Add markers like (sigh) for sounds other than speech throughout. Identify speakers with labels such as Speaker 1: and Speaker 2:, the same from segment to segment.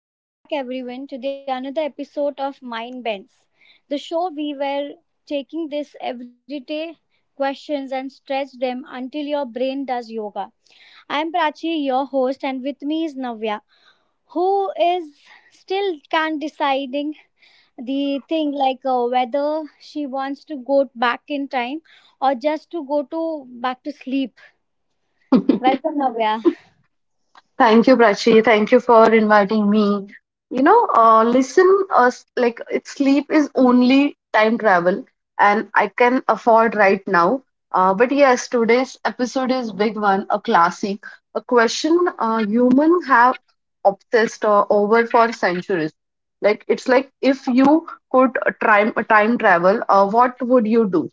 Speaker 1: Welcome back, everyone, to the another episode of Mind Bends, the show we were taking these everyday questions and stretch them until your brain does yoga. I'm Prachi, your host, and with me is Navya, who is still can't deciding the thing like whether she wants to go back in time or just to go to back to sleep. Welcome, Navya.
Speaker 2: Thank you, Prachi. Thank you for inviting me. You know, listen, sleep is only time travel, and I can afford right now. But yes, today's episode is big one, a classic, a question human have obsessed over for centuries. Like it's like if you could time travel, what would you do?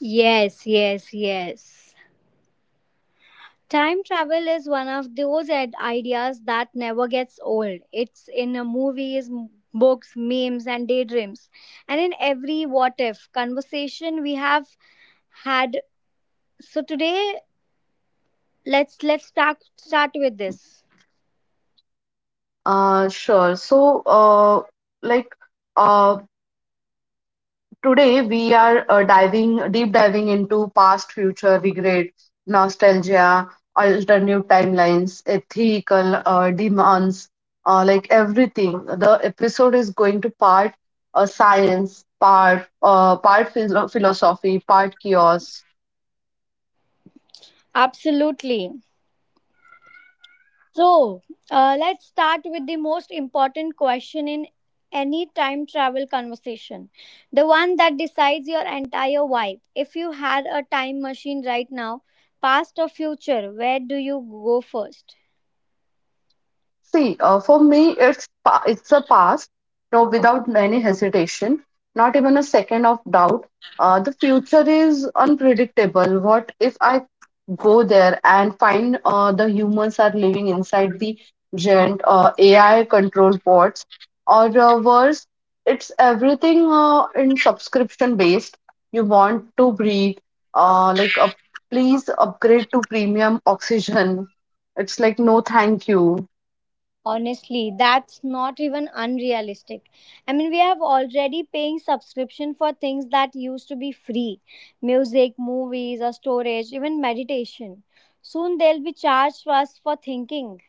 Speaker 1: Yes, yes, yes. Time travel is one of those ideas that never gets old. It's in movies, books, memes, and daydreams, and in every what if conversation we have had. So today, let's start with this.
Speaker 2: Sure. Uh, like. uh, Today we are diving deep diving into past, future, regret, nostalgia, alternative timelines, ethical demands, like everything. The episode is going to part science, part philosophy, part chaos.
Speaker 1: Absolutely. So, let's start with the most important question in any time travel conversation the one that decides your entire vibe. If you had a time machine right now, past or future, where do you go first?
Speaker 2: See, for me, it's a past. No, without any hesitation, not even a second of doubt. The future is unpredictable. What if I go there and find the humans are living inside the giant AI controlled bots, or worse, it's everything in subscription based. You want to breathe, uh, like uh, please upgrade to premium oxygen. It's like no, thank you.
Speaker 1: Honestly, that's not even unrealistic. I mean, we have already paying subscription for things that used to be free music, movies, or storage, even meditation. Soon they'll be charged us for thinking.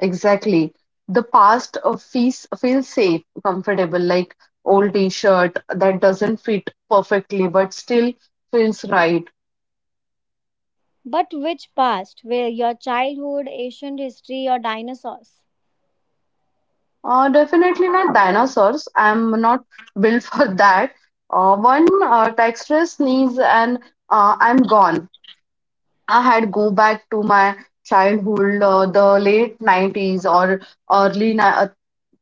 Speaker 2: Exactly. The past feels safe, comfortable, like old T-shirt that doesn't fit perfectly but still feels right.
Speaker 1: But which past? Where your childhood, ancient history, or dinosaurs?
Speaker 2: Definitely not dinosaurs. I'm not built (laughs) for that. One texture sneeze and I'm gone. I had go back to my childhood, the late 90s or early ni- uh,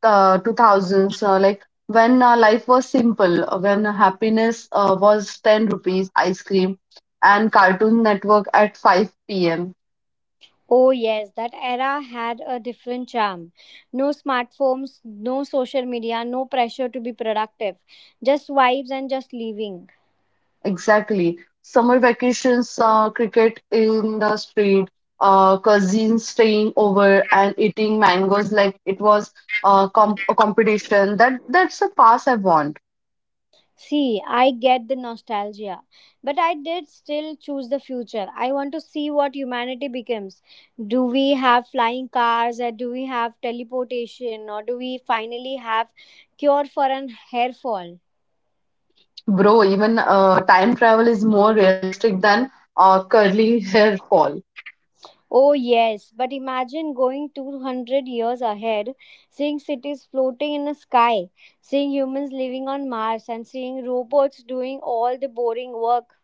Speaker 2: uh, 2000s, like when life was simple, when happiness was 10 rupees ice cream and Cartoon Network at 5 p.m.
Speaker 1: Oh, yes, that era had a different charm. No smartphones, no social media, no pressure to be productive, just vibes and just living.
Speaker 2: Exactly. Summer vacations, cricket in the street, cousins staying over and eating mangoes like it was com a competition. That's a pass I want,
Speaker 1: See, I get the nostalgia, but I did still choose the future. I want to see what humanity becomes. Do we have flying cars, or do we have teleportation, or do we finally have cure for an hair fall?
Speaker 2: bro. Even time travel is more realistic than curly hair fall.
Speaker 1: Oh, yes, but imagine going 200 years ahead, seeing cities floating in the sky, seeing humans living on Mars, and seeing robots doing all the boring work.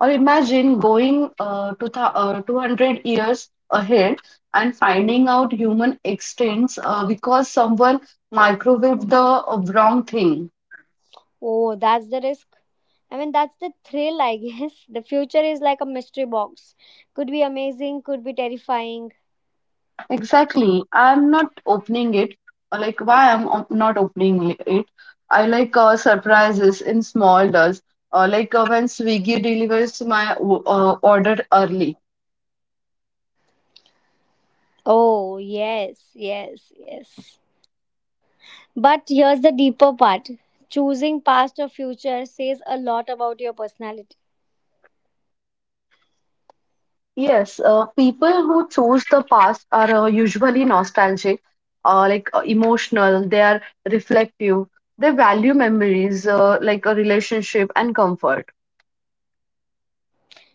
Speaker 2: Or imagine going to th 200 years ahead and finding out human extincts because someone microwaved the wrong thing.
Speaker 1: Oh, that's the risk. I mean, that's the thrill, I guess. (laughs) The future is like a mystery box. Could be amazing, could be terrifying.
Speaker 2: Exactly. I'm not opening it. Like, why I'm op- not opening li- it? I like surprises in small does. When Swiggy delivers my order early.
Speaker 1: Oh, yes, yes, yes. But here's the deeper part choosing past or future says a lot about your personality.
Speaker 2: Yes, people who choose the past are usually nostalgic, emotional, they are reflective, they value memories, like a relationship and comfort.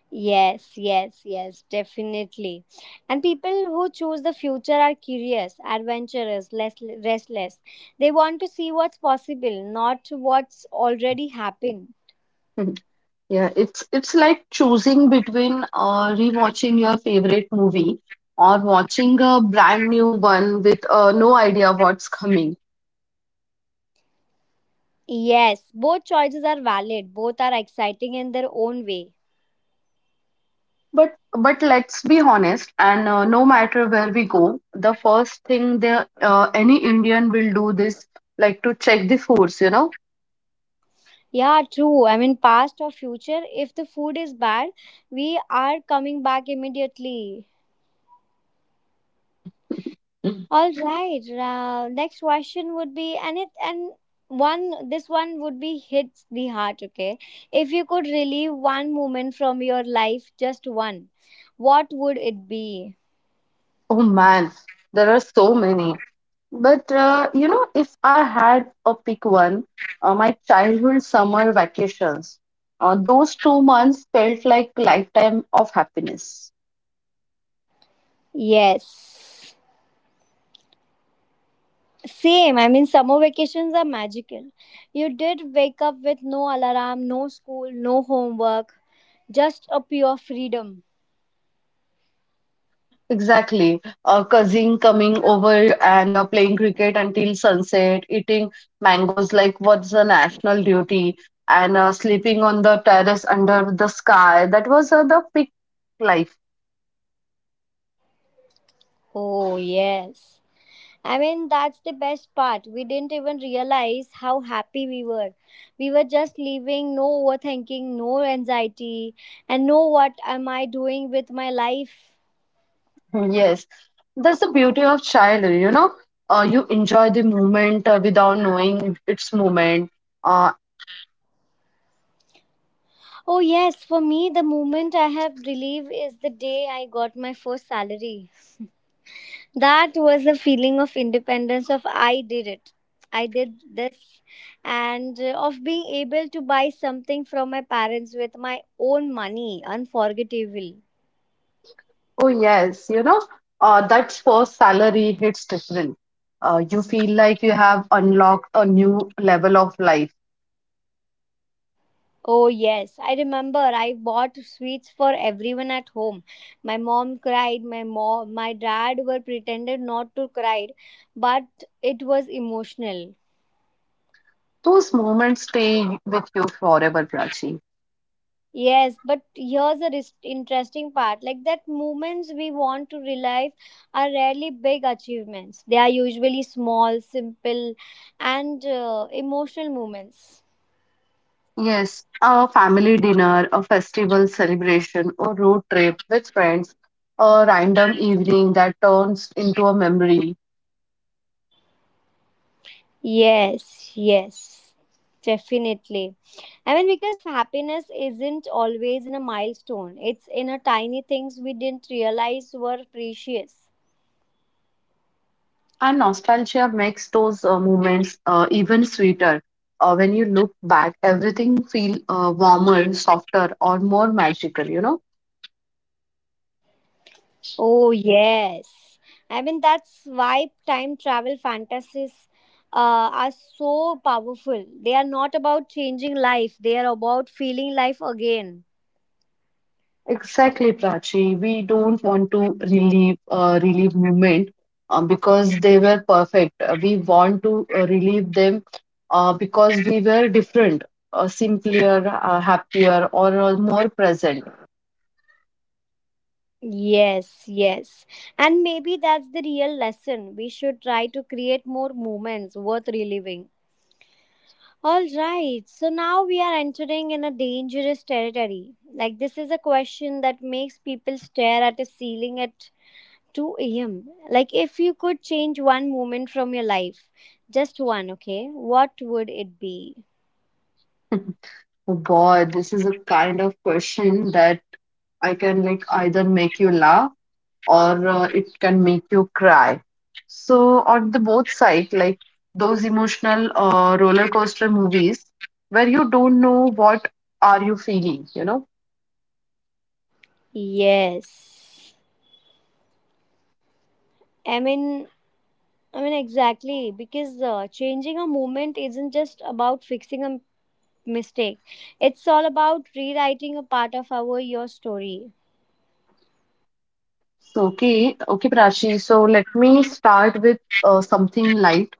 Speaker 1: Yes, yes, yes, definitely. And people who choose the future are curious, adventurous, less restless. They want to see what's possible, not what's already happened.
Speaker 2: (laughs) Yeah, it's like choosing between rewatching your favorite movie or watching a brand new one with no idea what's coming.
Speaker 1: Yes, both choices are valid. Both are exciting in their own way.
Speaker 2: But but let's be honest, and no matter where we go, the first thing the any Indian will do this like to check the foods, you know.
Speaker 1: Yeah, true. I mean, past or future, if the food is bad, we are coming back immediately.
Speaker 2: Mm.
Speaker 1: All right. Next question would be, and it and one this one would be hits the heart. Okay, if you could relive one moment from your life, just one, what would it be?
Speaker 2: Oh man, there are so many. But you know, if I had a pick one, my childhood summer vacations, those 2 months felt like lifetime of happiness.
Speaker 1: Yes. Same. I mean, summer vacations are magical. You did wake up with no alarm, no school, no homework, just a pure freedom.
Speaker 2: Exactly. A cousin coming over and playing cricket until sunset, eating mangoes like what's a national duty, and sleeping on the terrace under the sky. That was the peak life.
Speaker 1: Oh yes. I mean, that's the best part. We didn't even realize how happy we were. We were just living, no overthinking, no anxiety, and no what am I doing with my life.
Speaker 2: Yes, that's the beauty of childhood, you know. You enjoy the moment without knowing its moment. Uh,
Speaker 1: Oh, yes, for me, the moment I have relief is the day I got my first salary. That was a feeling of independence, of I did it. I did this, and of being able to buy something from my parents with my own money, unforgettable.
Speaker 2: oh, yes, you know, that first salary hits different. You feel like you have unlocked a new level of life.
Speaker 1: Oh, yes, I remember I bought sweets for everyone at home. My mom cried, my mom, my dad were pretended not to cry, but it was emotional.
Speaker 2: Those moments stay with you forever, Prachi.
Speaker 1: Yes, but here's a interesting part. Like that moments we want to relive are rarely big achievements. They are usually small, simple and emotional moments.
Speaker 2: Yes, a family dinner, a festival celebration, or road trip with friends, a random evening that turns into a memory.
Speaker 1: Yes, yes, definitely. I mean, because happiness isn't always in a milestone, it's in a tiny things we didn't realize were precious.
Speaker 2: And nostalgia makes those moments even sweeter. When you look back, everything feel warmer, softer, or more magical. You know
Speaker 1: Oh, yes. I mean, that's why time travel fantasies are so powerful. They are not about changing life, they are about feeling life again.
Speaker 2: exactly, Prachi. We don't want to relive moment because they were perfect. We want to relive them because we were different, simpler, happier, or more present.
Speaker 1: Yes, yes. And maybe that's the real lesson. We should try to create more moments worth reliving. All right, so now we are entering in a dangerous territory. Like this is a question that makes people stare at a ceiling at 2 a.m. Like if you could change one moment from your life, just one, okay? What would it be?
Speaker 2: (laughs) Oh Boy, this is a kind of question that I can like either make you laugh or it can make you cry. So on the both side, like those emotional roller coaster movies where you don't know what are you feeling, you know.
Speaker 1: Yes. I mean, I mean exactly because changing a moment isn't just about fixing a mistake. It's all about rewriting a part of our your story.
Speaker 2: So okay, Prachi. So let me start with something light.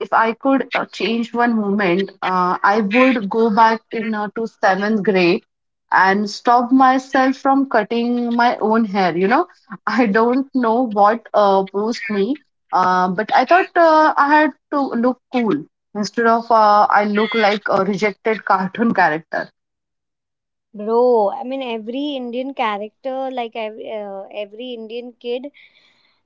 Speaker 2: If I could change one moment, I would go back in to seventh grade and stop myself from cutting my own hair. You know, (laughs) I don't know what posed me, but I thought I had to look cool instead of I look like a rejected cartoon character.
Speaker 1: Bro, I mean every Indian character, like every Indian kid,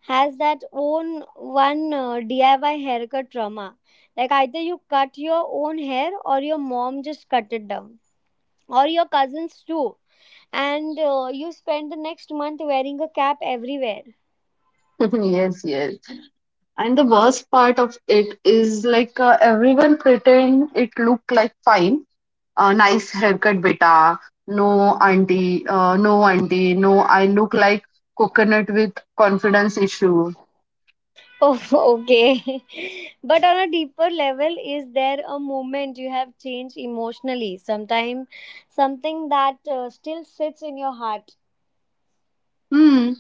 Speaker 1: has that own one DIY haircut trauma. Like either you cut your own hair or your mom just cut it down, or your cousins too, and you spend the next month wearing a cap everywhere.
Speaker 2: (laughs) Yes, yes. And the worst part of it is like everyone pretend it looked like fine. Nice haircut beta. No, auntie, no auntie, no, I look like coconut with confidence issue.
Speaker 1: Oh, (laughs) okay. (laughs) But on a deeper level, is there a moment you have changed emotionally? Sometime, something that still sits in your heart.
Speaker 2: Hmm.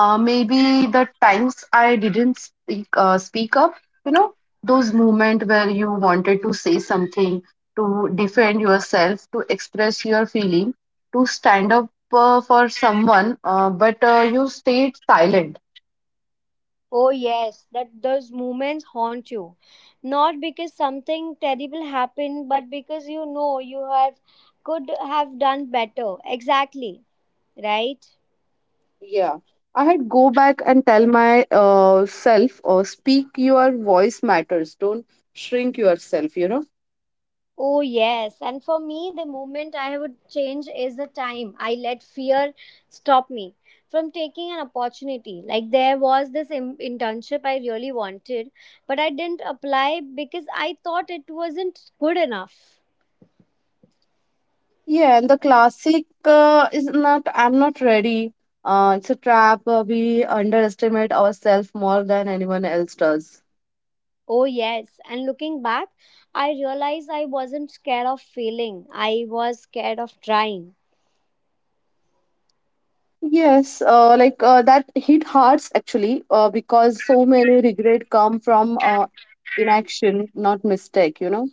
Speaker 2: Maybe the times I didn't speak up, you know, those moments where you wanted to say something to defend yourself, to express your feeling, to stand up for someone, but you stayed silent.
Speaker 1: Oh, yes, that those moments haunt you. Not because something terrible happened, but because you know you have could have done better. Exactly, right?
Speaker 2: Yeah, I had go back and tell my self, speak your voice matters. Don't shrink yourself. You know.
Speaker 1: Oh, yes. And for me, the moment I would change is the time I let fear stop me from taking an opportunity. Like there was this internship I really wanted, but I didn't apply because I thought it wasn't good enough.
Speaker 2: Yeah, and the classic is not. I'm not ready. It's a trap. We underestimate ourselves more than anyone else does.
Speaker 1: Oh, yes. And looking back, I realized I wasn't scared of failing. I was scared of trying.
Speaker 2: Yes, that hit hearts actually, because so many regret come from inaction, not mistake. You know.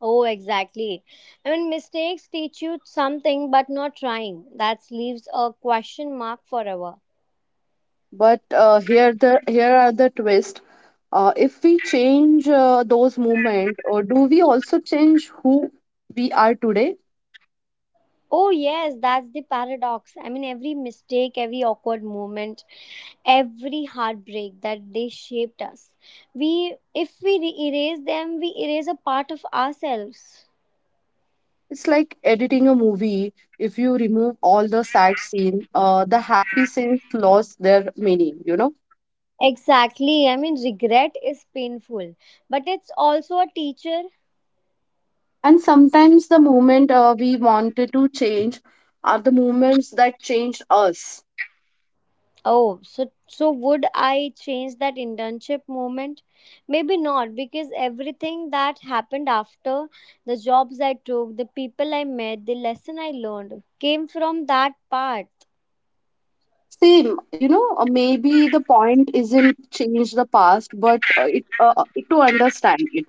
Speaker 1: Oh, exactly. I mean, mistakes teach you something, but not trying. That leaves a question mark forever.
Speaker 2: But here are the twist. If we change those movement, or do we also change who we are today?
Speaker 1: Oh, yes, that's the paradox. I mean, every mistake, every awkward moment, every heartbreak that they shaped us. We, if we erase them, we erase a part of ourselves.
Speaker 2: It's like editing a movie. If you remove all the sad scene, the happy scenes lost their meaning, you know.
Speaker 1: Exactly. I mean, regret is painful, but it's also a teacher.
Speaker 2: And sometimes the moment we wanted to change are the moments that changed us.
Speaker 1: Oh, so would I change that internship moment? Maybe not, because everything that happened after, the jobs I took, the people I met, the lesson I learned came from that part.
Speaker 2: Same, you know. Maybe the point isn't change the past, but it to understand it.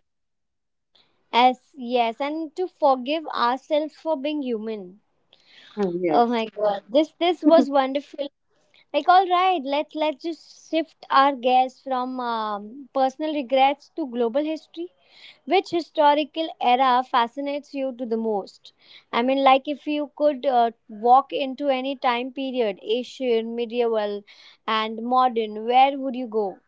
Speaker 1: As yes, and to forgive ourselves for being human.
Speaker 2: Hmm,
Speaker 1: Oh
Speaker 2: yes.
Speaker 1: my god. This was wonderful. Like, all right, let's just shift our gaze from personal regrets to global history. Which historical era fascinates you to the most? I mean, like if you could walk into any time period, Asian, medieval, and modern, where would you go?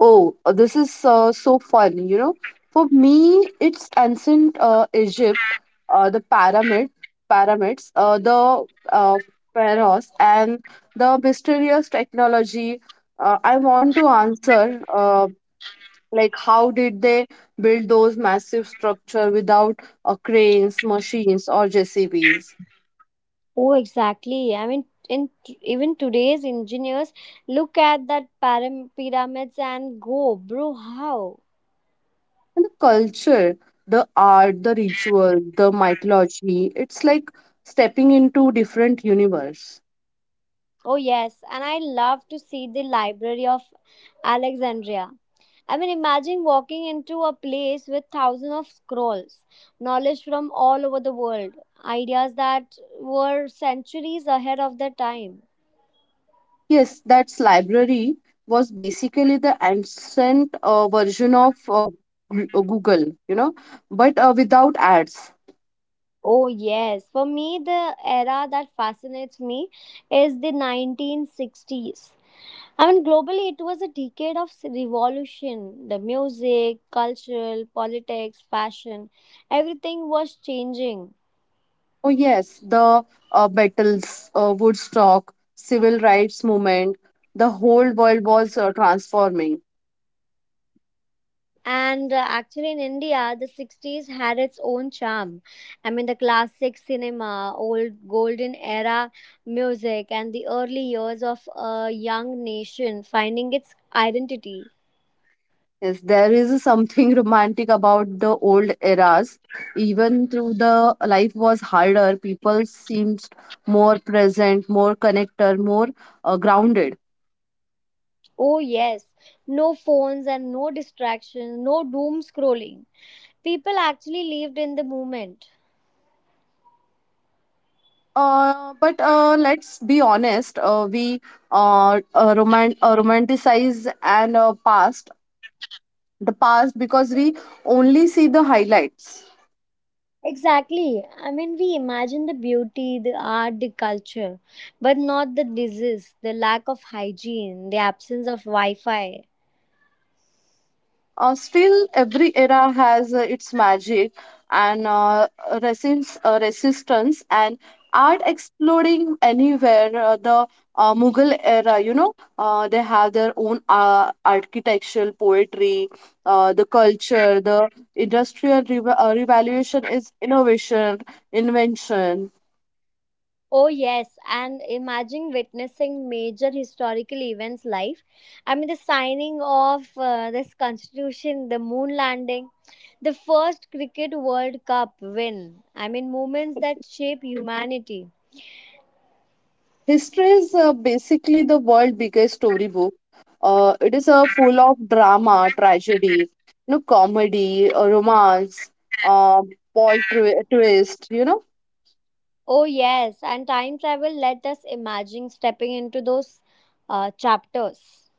Speaker 2: Oh, this is so fun, you know. For me, it's ancient Egypt, uh, the pyramid, pyramids, the uh, pharaohs, and the mysterious technology. I want to answer, like, how did they build those massive structure without cranes, machines, or JCBs?
Speaker 1: Oh, exactly. I mean, in even today's engineers look at that pyramids and go, bro, how?
Speaker 2: And the culture, the art, the ritual, the mythology. It's like stepping into different universe.
Speaker 1: Oh, yes, and I love to see the Library of Alexandria. I mean, imagine walking into a place with thousands of scrolls, knowledge from all over the world, ideas that were centuries ahead of their time.
Speaker 2: Yes, that's library was basically the ancient version of Google, you know, but without ads.
Speaker 1: Oh, yes. For me, the era that fascinates me is the 1960s. I mean, globally, it was a decade of revolution. The music, cultural, politics, fashion, everything was changing.
Speaker 2: Oh yes, the battles, Woodstock, civil rights movement, the whole world was transforming.
Speaker 1: And actually, in India, the 60s had its own charm. I mean, the classic cinema, old golden era music, and the early years of a young nation finding its identity.
Speaker 2: Yes, there is something (laughs) romantic about the old eras. Even though the life was harder, people seemed more present, more connected, more grounded.
Speaker 1: Oh, yes, no phones and no distractions, no doom scrolling. People actually lived in the moment.
Speaker 2: But let's be honest. We romanticize and past the past because we only see the highlights.
Speaker 1: Exactly. I mean, we imagine the beauty, the art, the culture, but not the disease, the lack of hygiene, the absence of Wi Fi.
Speaker 2: Still, every era has its magic and resistance and art exploding anywhere. The Mughal era, you know, they have their own architectural poetry, the culture, the industrial revaluation is innovation, invention.
Speaker 1: Oh, yes. And imagine witnessing major historical events live. I mean, the signing of this constitution, the moon landing, the first Cricket World Cup win. I mean, moments that shape humanity.
Speaker 2: History is basically the world's biggest storybook. It is full of drama, tragedy, you know, comedy, romance, uh, plot twist, you know.
Speaker 1: Oh, yes. And time travel let us imagine stepping into those chapters.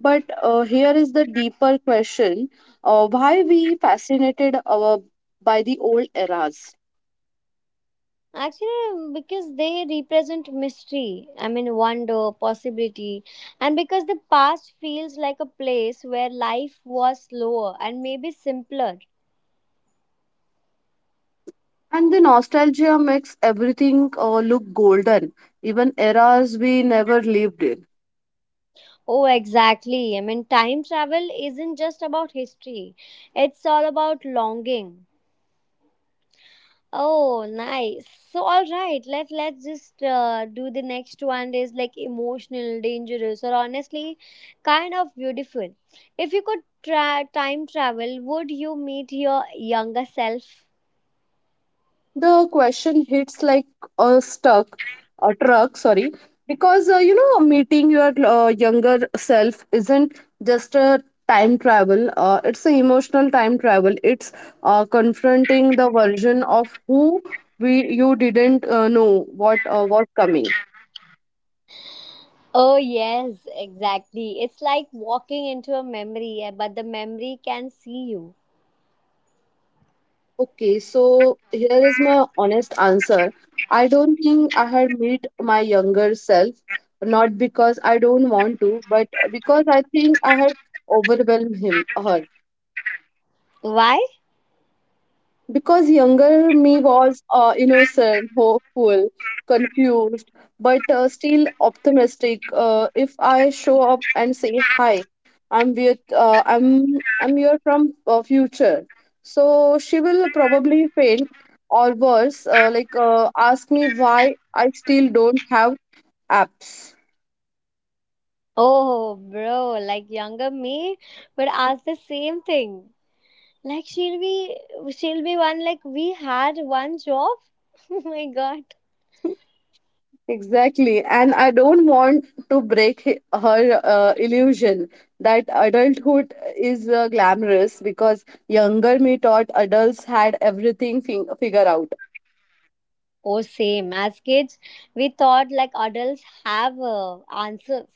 Speaker 2: But here is the deeper question: why we fascinated by the old eras?
Speaker 1: Actually, because they represent mystery, I mean, wonder, possibility, and because the past feels like a place where life was slower and maybe simpler.
Speaker 2: And the nostalgia makes everything look golden, even eras we never lived in.
Speaker 1: Oh, exactly. I mean, time travel isn't just about history, it's all about longing. Oh, nice. So, all right, let's just do the next one is like emotional, dangerous, or honestly, kind of beautiful. If you could time travel, would you meet your younger self?
Speaker 2: The question hits like a stuck a truck, sorry, because you know meeting your younger self isn't just a time travel. It's an emotional time travel. It's confronting the version of who we you didn't know what was coming.
Speaker 1: Oh, yes, exactly. It's like walking into a memory, eh, but the memory can see you.
Speaker 2: Okay, so here is my honest answer. I don't think I had met my younger self, not because I don't want to, but because I think I had overwhelmed him, her.
Speaker 1: Why?
Speaker 2: Because younger me was innocent, hopeful, confused, but still optimistic. If I show up and say hi, I'm with, I'm here from future. So she will probably faint or worse, ask me why I still don't have apps.
Speaker 1: Oh, bro, like younger me would ask the same thing. Like she'll be one like we had one job. (laughs) Oh my god.
Speaker 2: Exactly. And I don't want to break her illusion that adulthood is glamorous because younger me thought adults had everything figured out.
Speaker 1: Oh, same. As kids, we thought like adults have answers.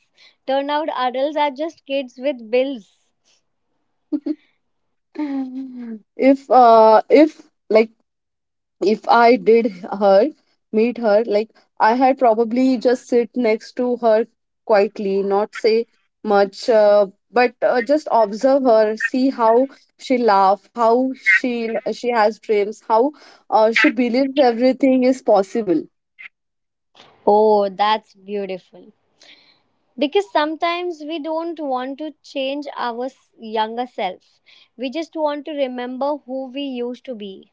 Speaker 1: Turn out adults are just kids with bills.
Speaker 2: (laughs) If uh, if like if I did her meet her, like I had probably just sit next to her quietly, not say much, but just observe her, see how she laugh, how she has dreams, how she believes everything is possible.
Speaker 1: Oh, that's beautiful. Because sometimes we don't want to change our younger self. We just want to remember who we used to be.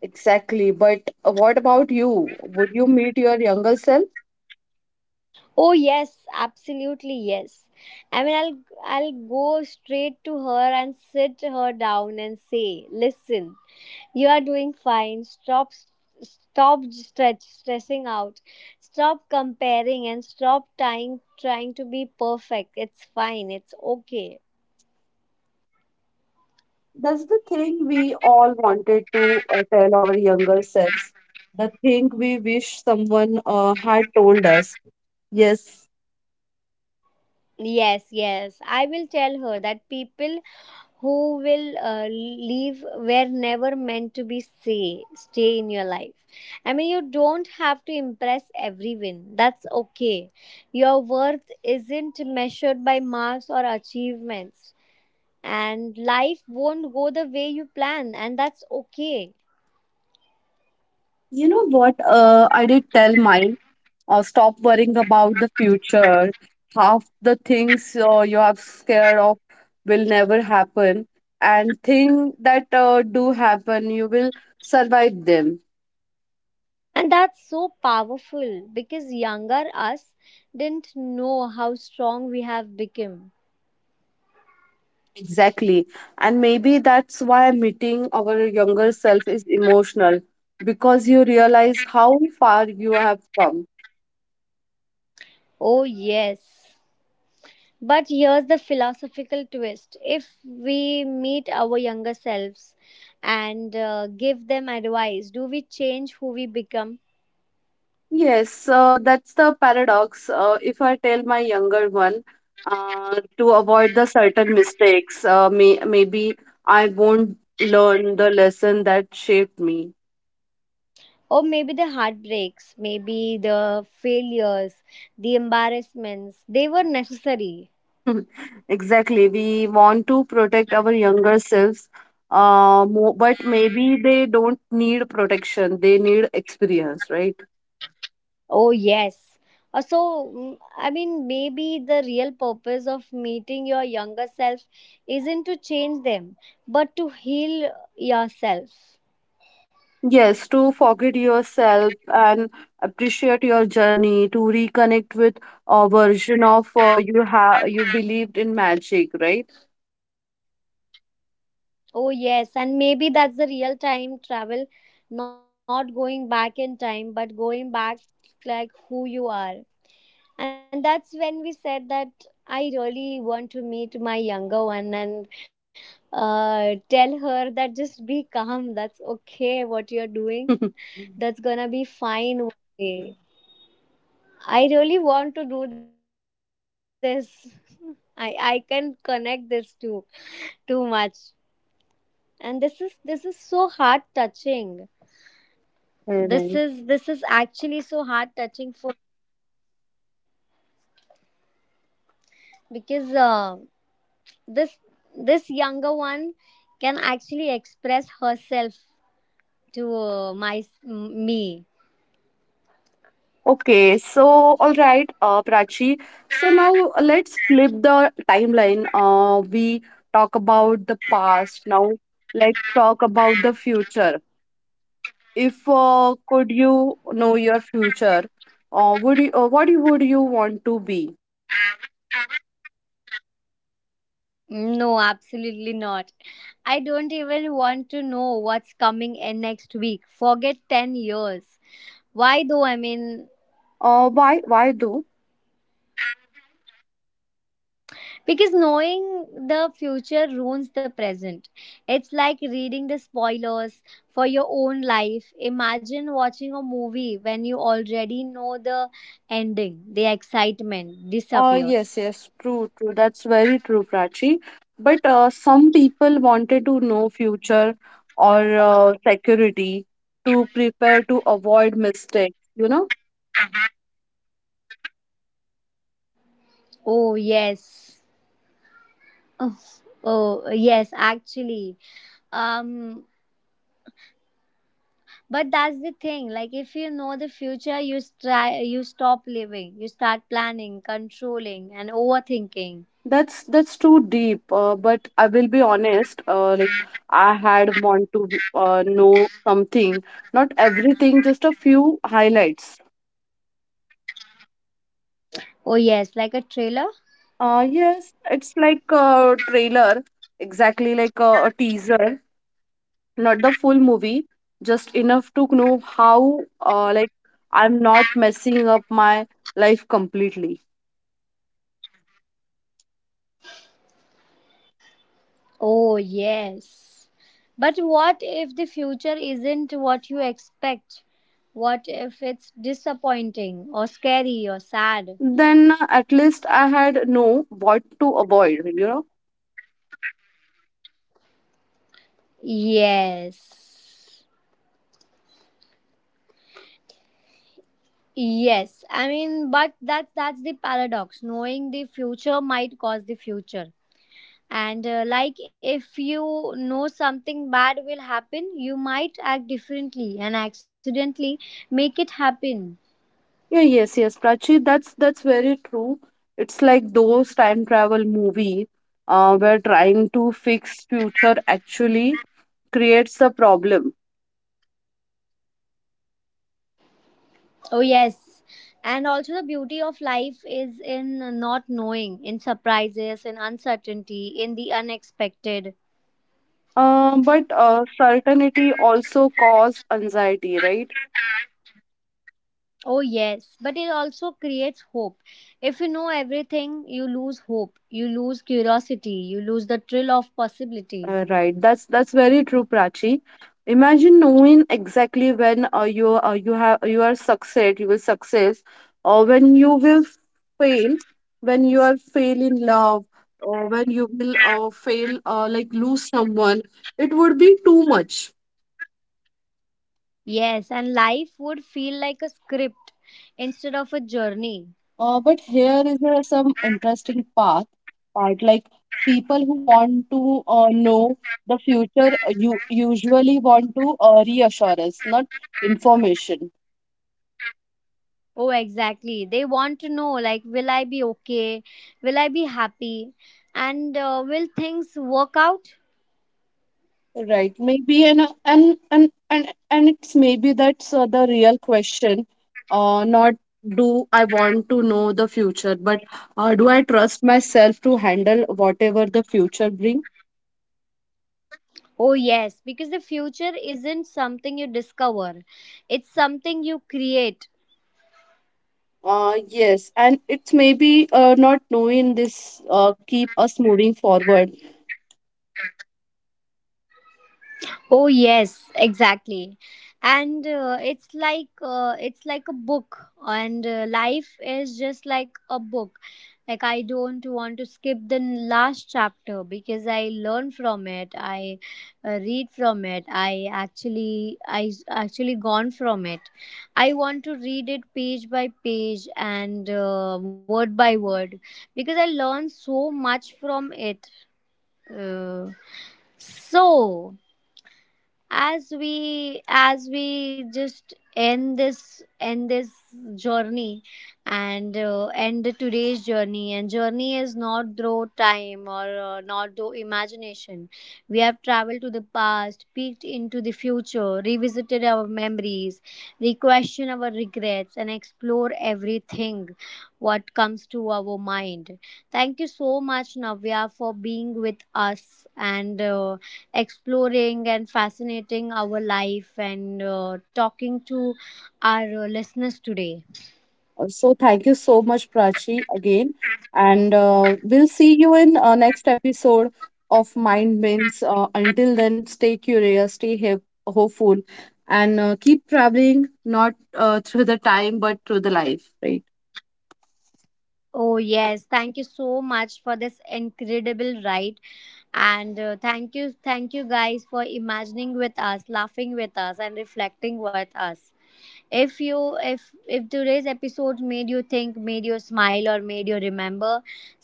Speaker 2: Exactly. But what about you? Would you meet your younger self?
Speaker 1: Oh yes, absolutely yes. I mean, I'll go straight to her and sit her down and say, "Listen, you are doing fine. Stop stressing out. Stop comparing and stop trying to be perfect. It's fine. It's okay."
Speaker 2: That's the thing we all wanted to tell our younger selves. The thing we wish someone had told us. Yes.
Speaker 1: Yes, yes. I will tell her that people who will leave where never meant to be say stay in your life. I mean you don't have to impress everyone, that's okay. Your worth isn't measured by marks or achievements, and life won't go the way you plan, and that's okay.
Speaker 2: You know what? I did tell mine, stop worrying about the future. Half the things you are scared of will never happen, and thing that do happen, you will survive them.
Speaker 1: And that's so powerful because younger us didn't know how strong we have become.
Speaker 2: Exactly. And maybe that's why meeting our younger self is emotional because you realize how far you have come.
Speaker 1: Oh yes. But here's the philosophical twist if we meet our younger selves and give them advice, do we change who we become?
Speaker 2: Yes, that's the paradox. If I tell my younger one to avoid the certain mistakes, maybe I won't learn the lesson that shaped me.
Speaker 1: Or maybe the heartbreaks, maybe the failures, the embarrassments, they were necessary.
Speaker 2: (laughs) Exactly. We want to protect our younger selves, mo but maybe they don't need protection. They need experience, right?
Speaker 1: Oh, yes. So, I mean, maybe the real purpose of meeting your younger self isn't to change them, but to heal yourself.
Speaker 2: Yes, to forget yourself and appreciate your journey, to reconnect with a version of you have you believed in magic, right?
Speaker 1: Oh, yes, and maybe that's the real time travel, not going back in time, but going back like who you are. And that's when we said that I really want to meet my younger one and tell her that just be calm, that's okay, what you're doing,
Speaker 2: (laughs)
Speaker 1: that's gonna be fine one day. I really want to do this. (laughs) I can connect this to too much. And this is so heart touching. this is this
Speaker 2: Alright.
Speaker 1: is actually so heart touching for because this this younger one can actually express herself to my me.
Speaker 2: Okay, so all right, Prachi. So now let's flip the timeline. We talk about the past. Now let's talk about the future. If could you know your future, would you want to be?
Speaker 1: No, absolutely not. I don't even want to know what's coming in next week, forget 10 years. Why though? I mean,
Speaker 2: Why why though?
Speaker 1: because knowing the future ruins the present. It's like reading the spoilers for your own life. Imagine watching a movie when you already know the ending. The excitement
Speaker 2: Yes,
Speaker 1: disappears.
Speaker 2: yes, true, true. That's very true, Prachi. But some people wanted to know future or security to prepare to avoid mistakes. You know,
Speaker 1: Oh, yes. Oh, oh, yes, actually. Um but that's the thing, like if you know the future you try, you stop living, you start planning, controlling and overthinking.
Speaker 2: that's too deep. But I will be honest. Like I had want to know something, not everything, just a few highlights.
Speaker 1: Oh yes, like a trailer.
Speaker 2: Yes, it's like a trailer, exactly like a teaser. Not the full movie, just enough to know how like I'm not messing up my life completely.
Speaker 1: Oh, yes. But what if the future isn't what you expect? What if it's disappointing or scary or sad?
Speaker 2: Then at least I had know what to avoid, you know.
Speaker 1: Yes. Yes. I mean, but that that's the paradox. Knowing the future might cause the future. And like if you know something bad will happen, you might act differently and accidentally make it happen.
Speaker 2: Yeah, yes, yes, Prachi, that's very true. It's like those time travel movie where trying to fix future actually creates the problem.
Speaker 1: Oh, yes. And also, the beauty of life is in not knowing, in surprises, in uncertainty, in the unexpected.
Speaker 2: But certainty also cause anxiety, right?
Speaker 1: Oh, yes. But it also creates hope. If you know everything, you lose hope, you lose curiosity, you lose the thrill of possibility.
Speaker 2: Right, that's very true, Prachi. Imagine knowing exactly when you have you are succeed, you will success, or when you will fail, when you are fail in love, or when you will fail like lose someone. It would be too much.
Speaker 1: Yes, and life would feel like a script instead of a journey.
Speaker 2: But here is some interesting part, part like people who want to know the future you usually want to reassurance, not information.
Speaker 1: Oh, exactly. They want to know, like, will I be okay? Will I be happy? And will things work out?
Speaker 2: Right, maybe and it's maybe that's the real question. Not do I want to know the future, but do I trust myself to handle whatever the future bring?
Speaker 1: Oh, yes, because the future isn't something you discover, it's something you create.
Speaker 2: Yes, and it's maybe not knowing this keep us moving forward.
Speaker 1: Oh yes, exactly. And it's like a book, and life is just like a book. Like I don't want to skip the last chapter because I learn from it. I read from it. I actually actually gone from it. I want to read it page by page and word by word because I learn so much from it. Uh, so, as we just end this journey, and end today's journey, and journey is not through time or not through imagination. We have traveled to the past, peeked into the future, revisited our memories, re-question our regrets and explore everything what comes to our mind. Thank you so much, Navya, for being with us and exploring and fascinating our life and talking to our listeners today.
Speaker 2: So thank you so much, Prachi, again. And we'll see you in next episode of Mind Bends. Until then, stay curious, stay hopeful, and keep traveling not through the time but through the life, right?
Speaker 1: Oh, yes. Thank you so much for this incredible ride. And thank you guys for imagining with us, laughing with us, and reflecting with us. If you, if today's episode made you think, made you smile or made you remember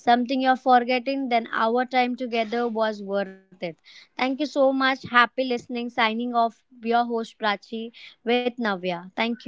Speaker 1: something you're forgetting, then our time together was worth it. Thank you so much, happy listening, signing off your host Prachi with Navya. Thank you.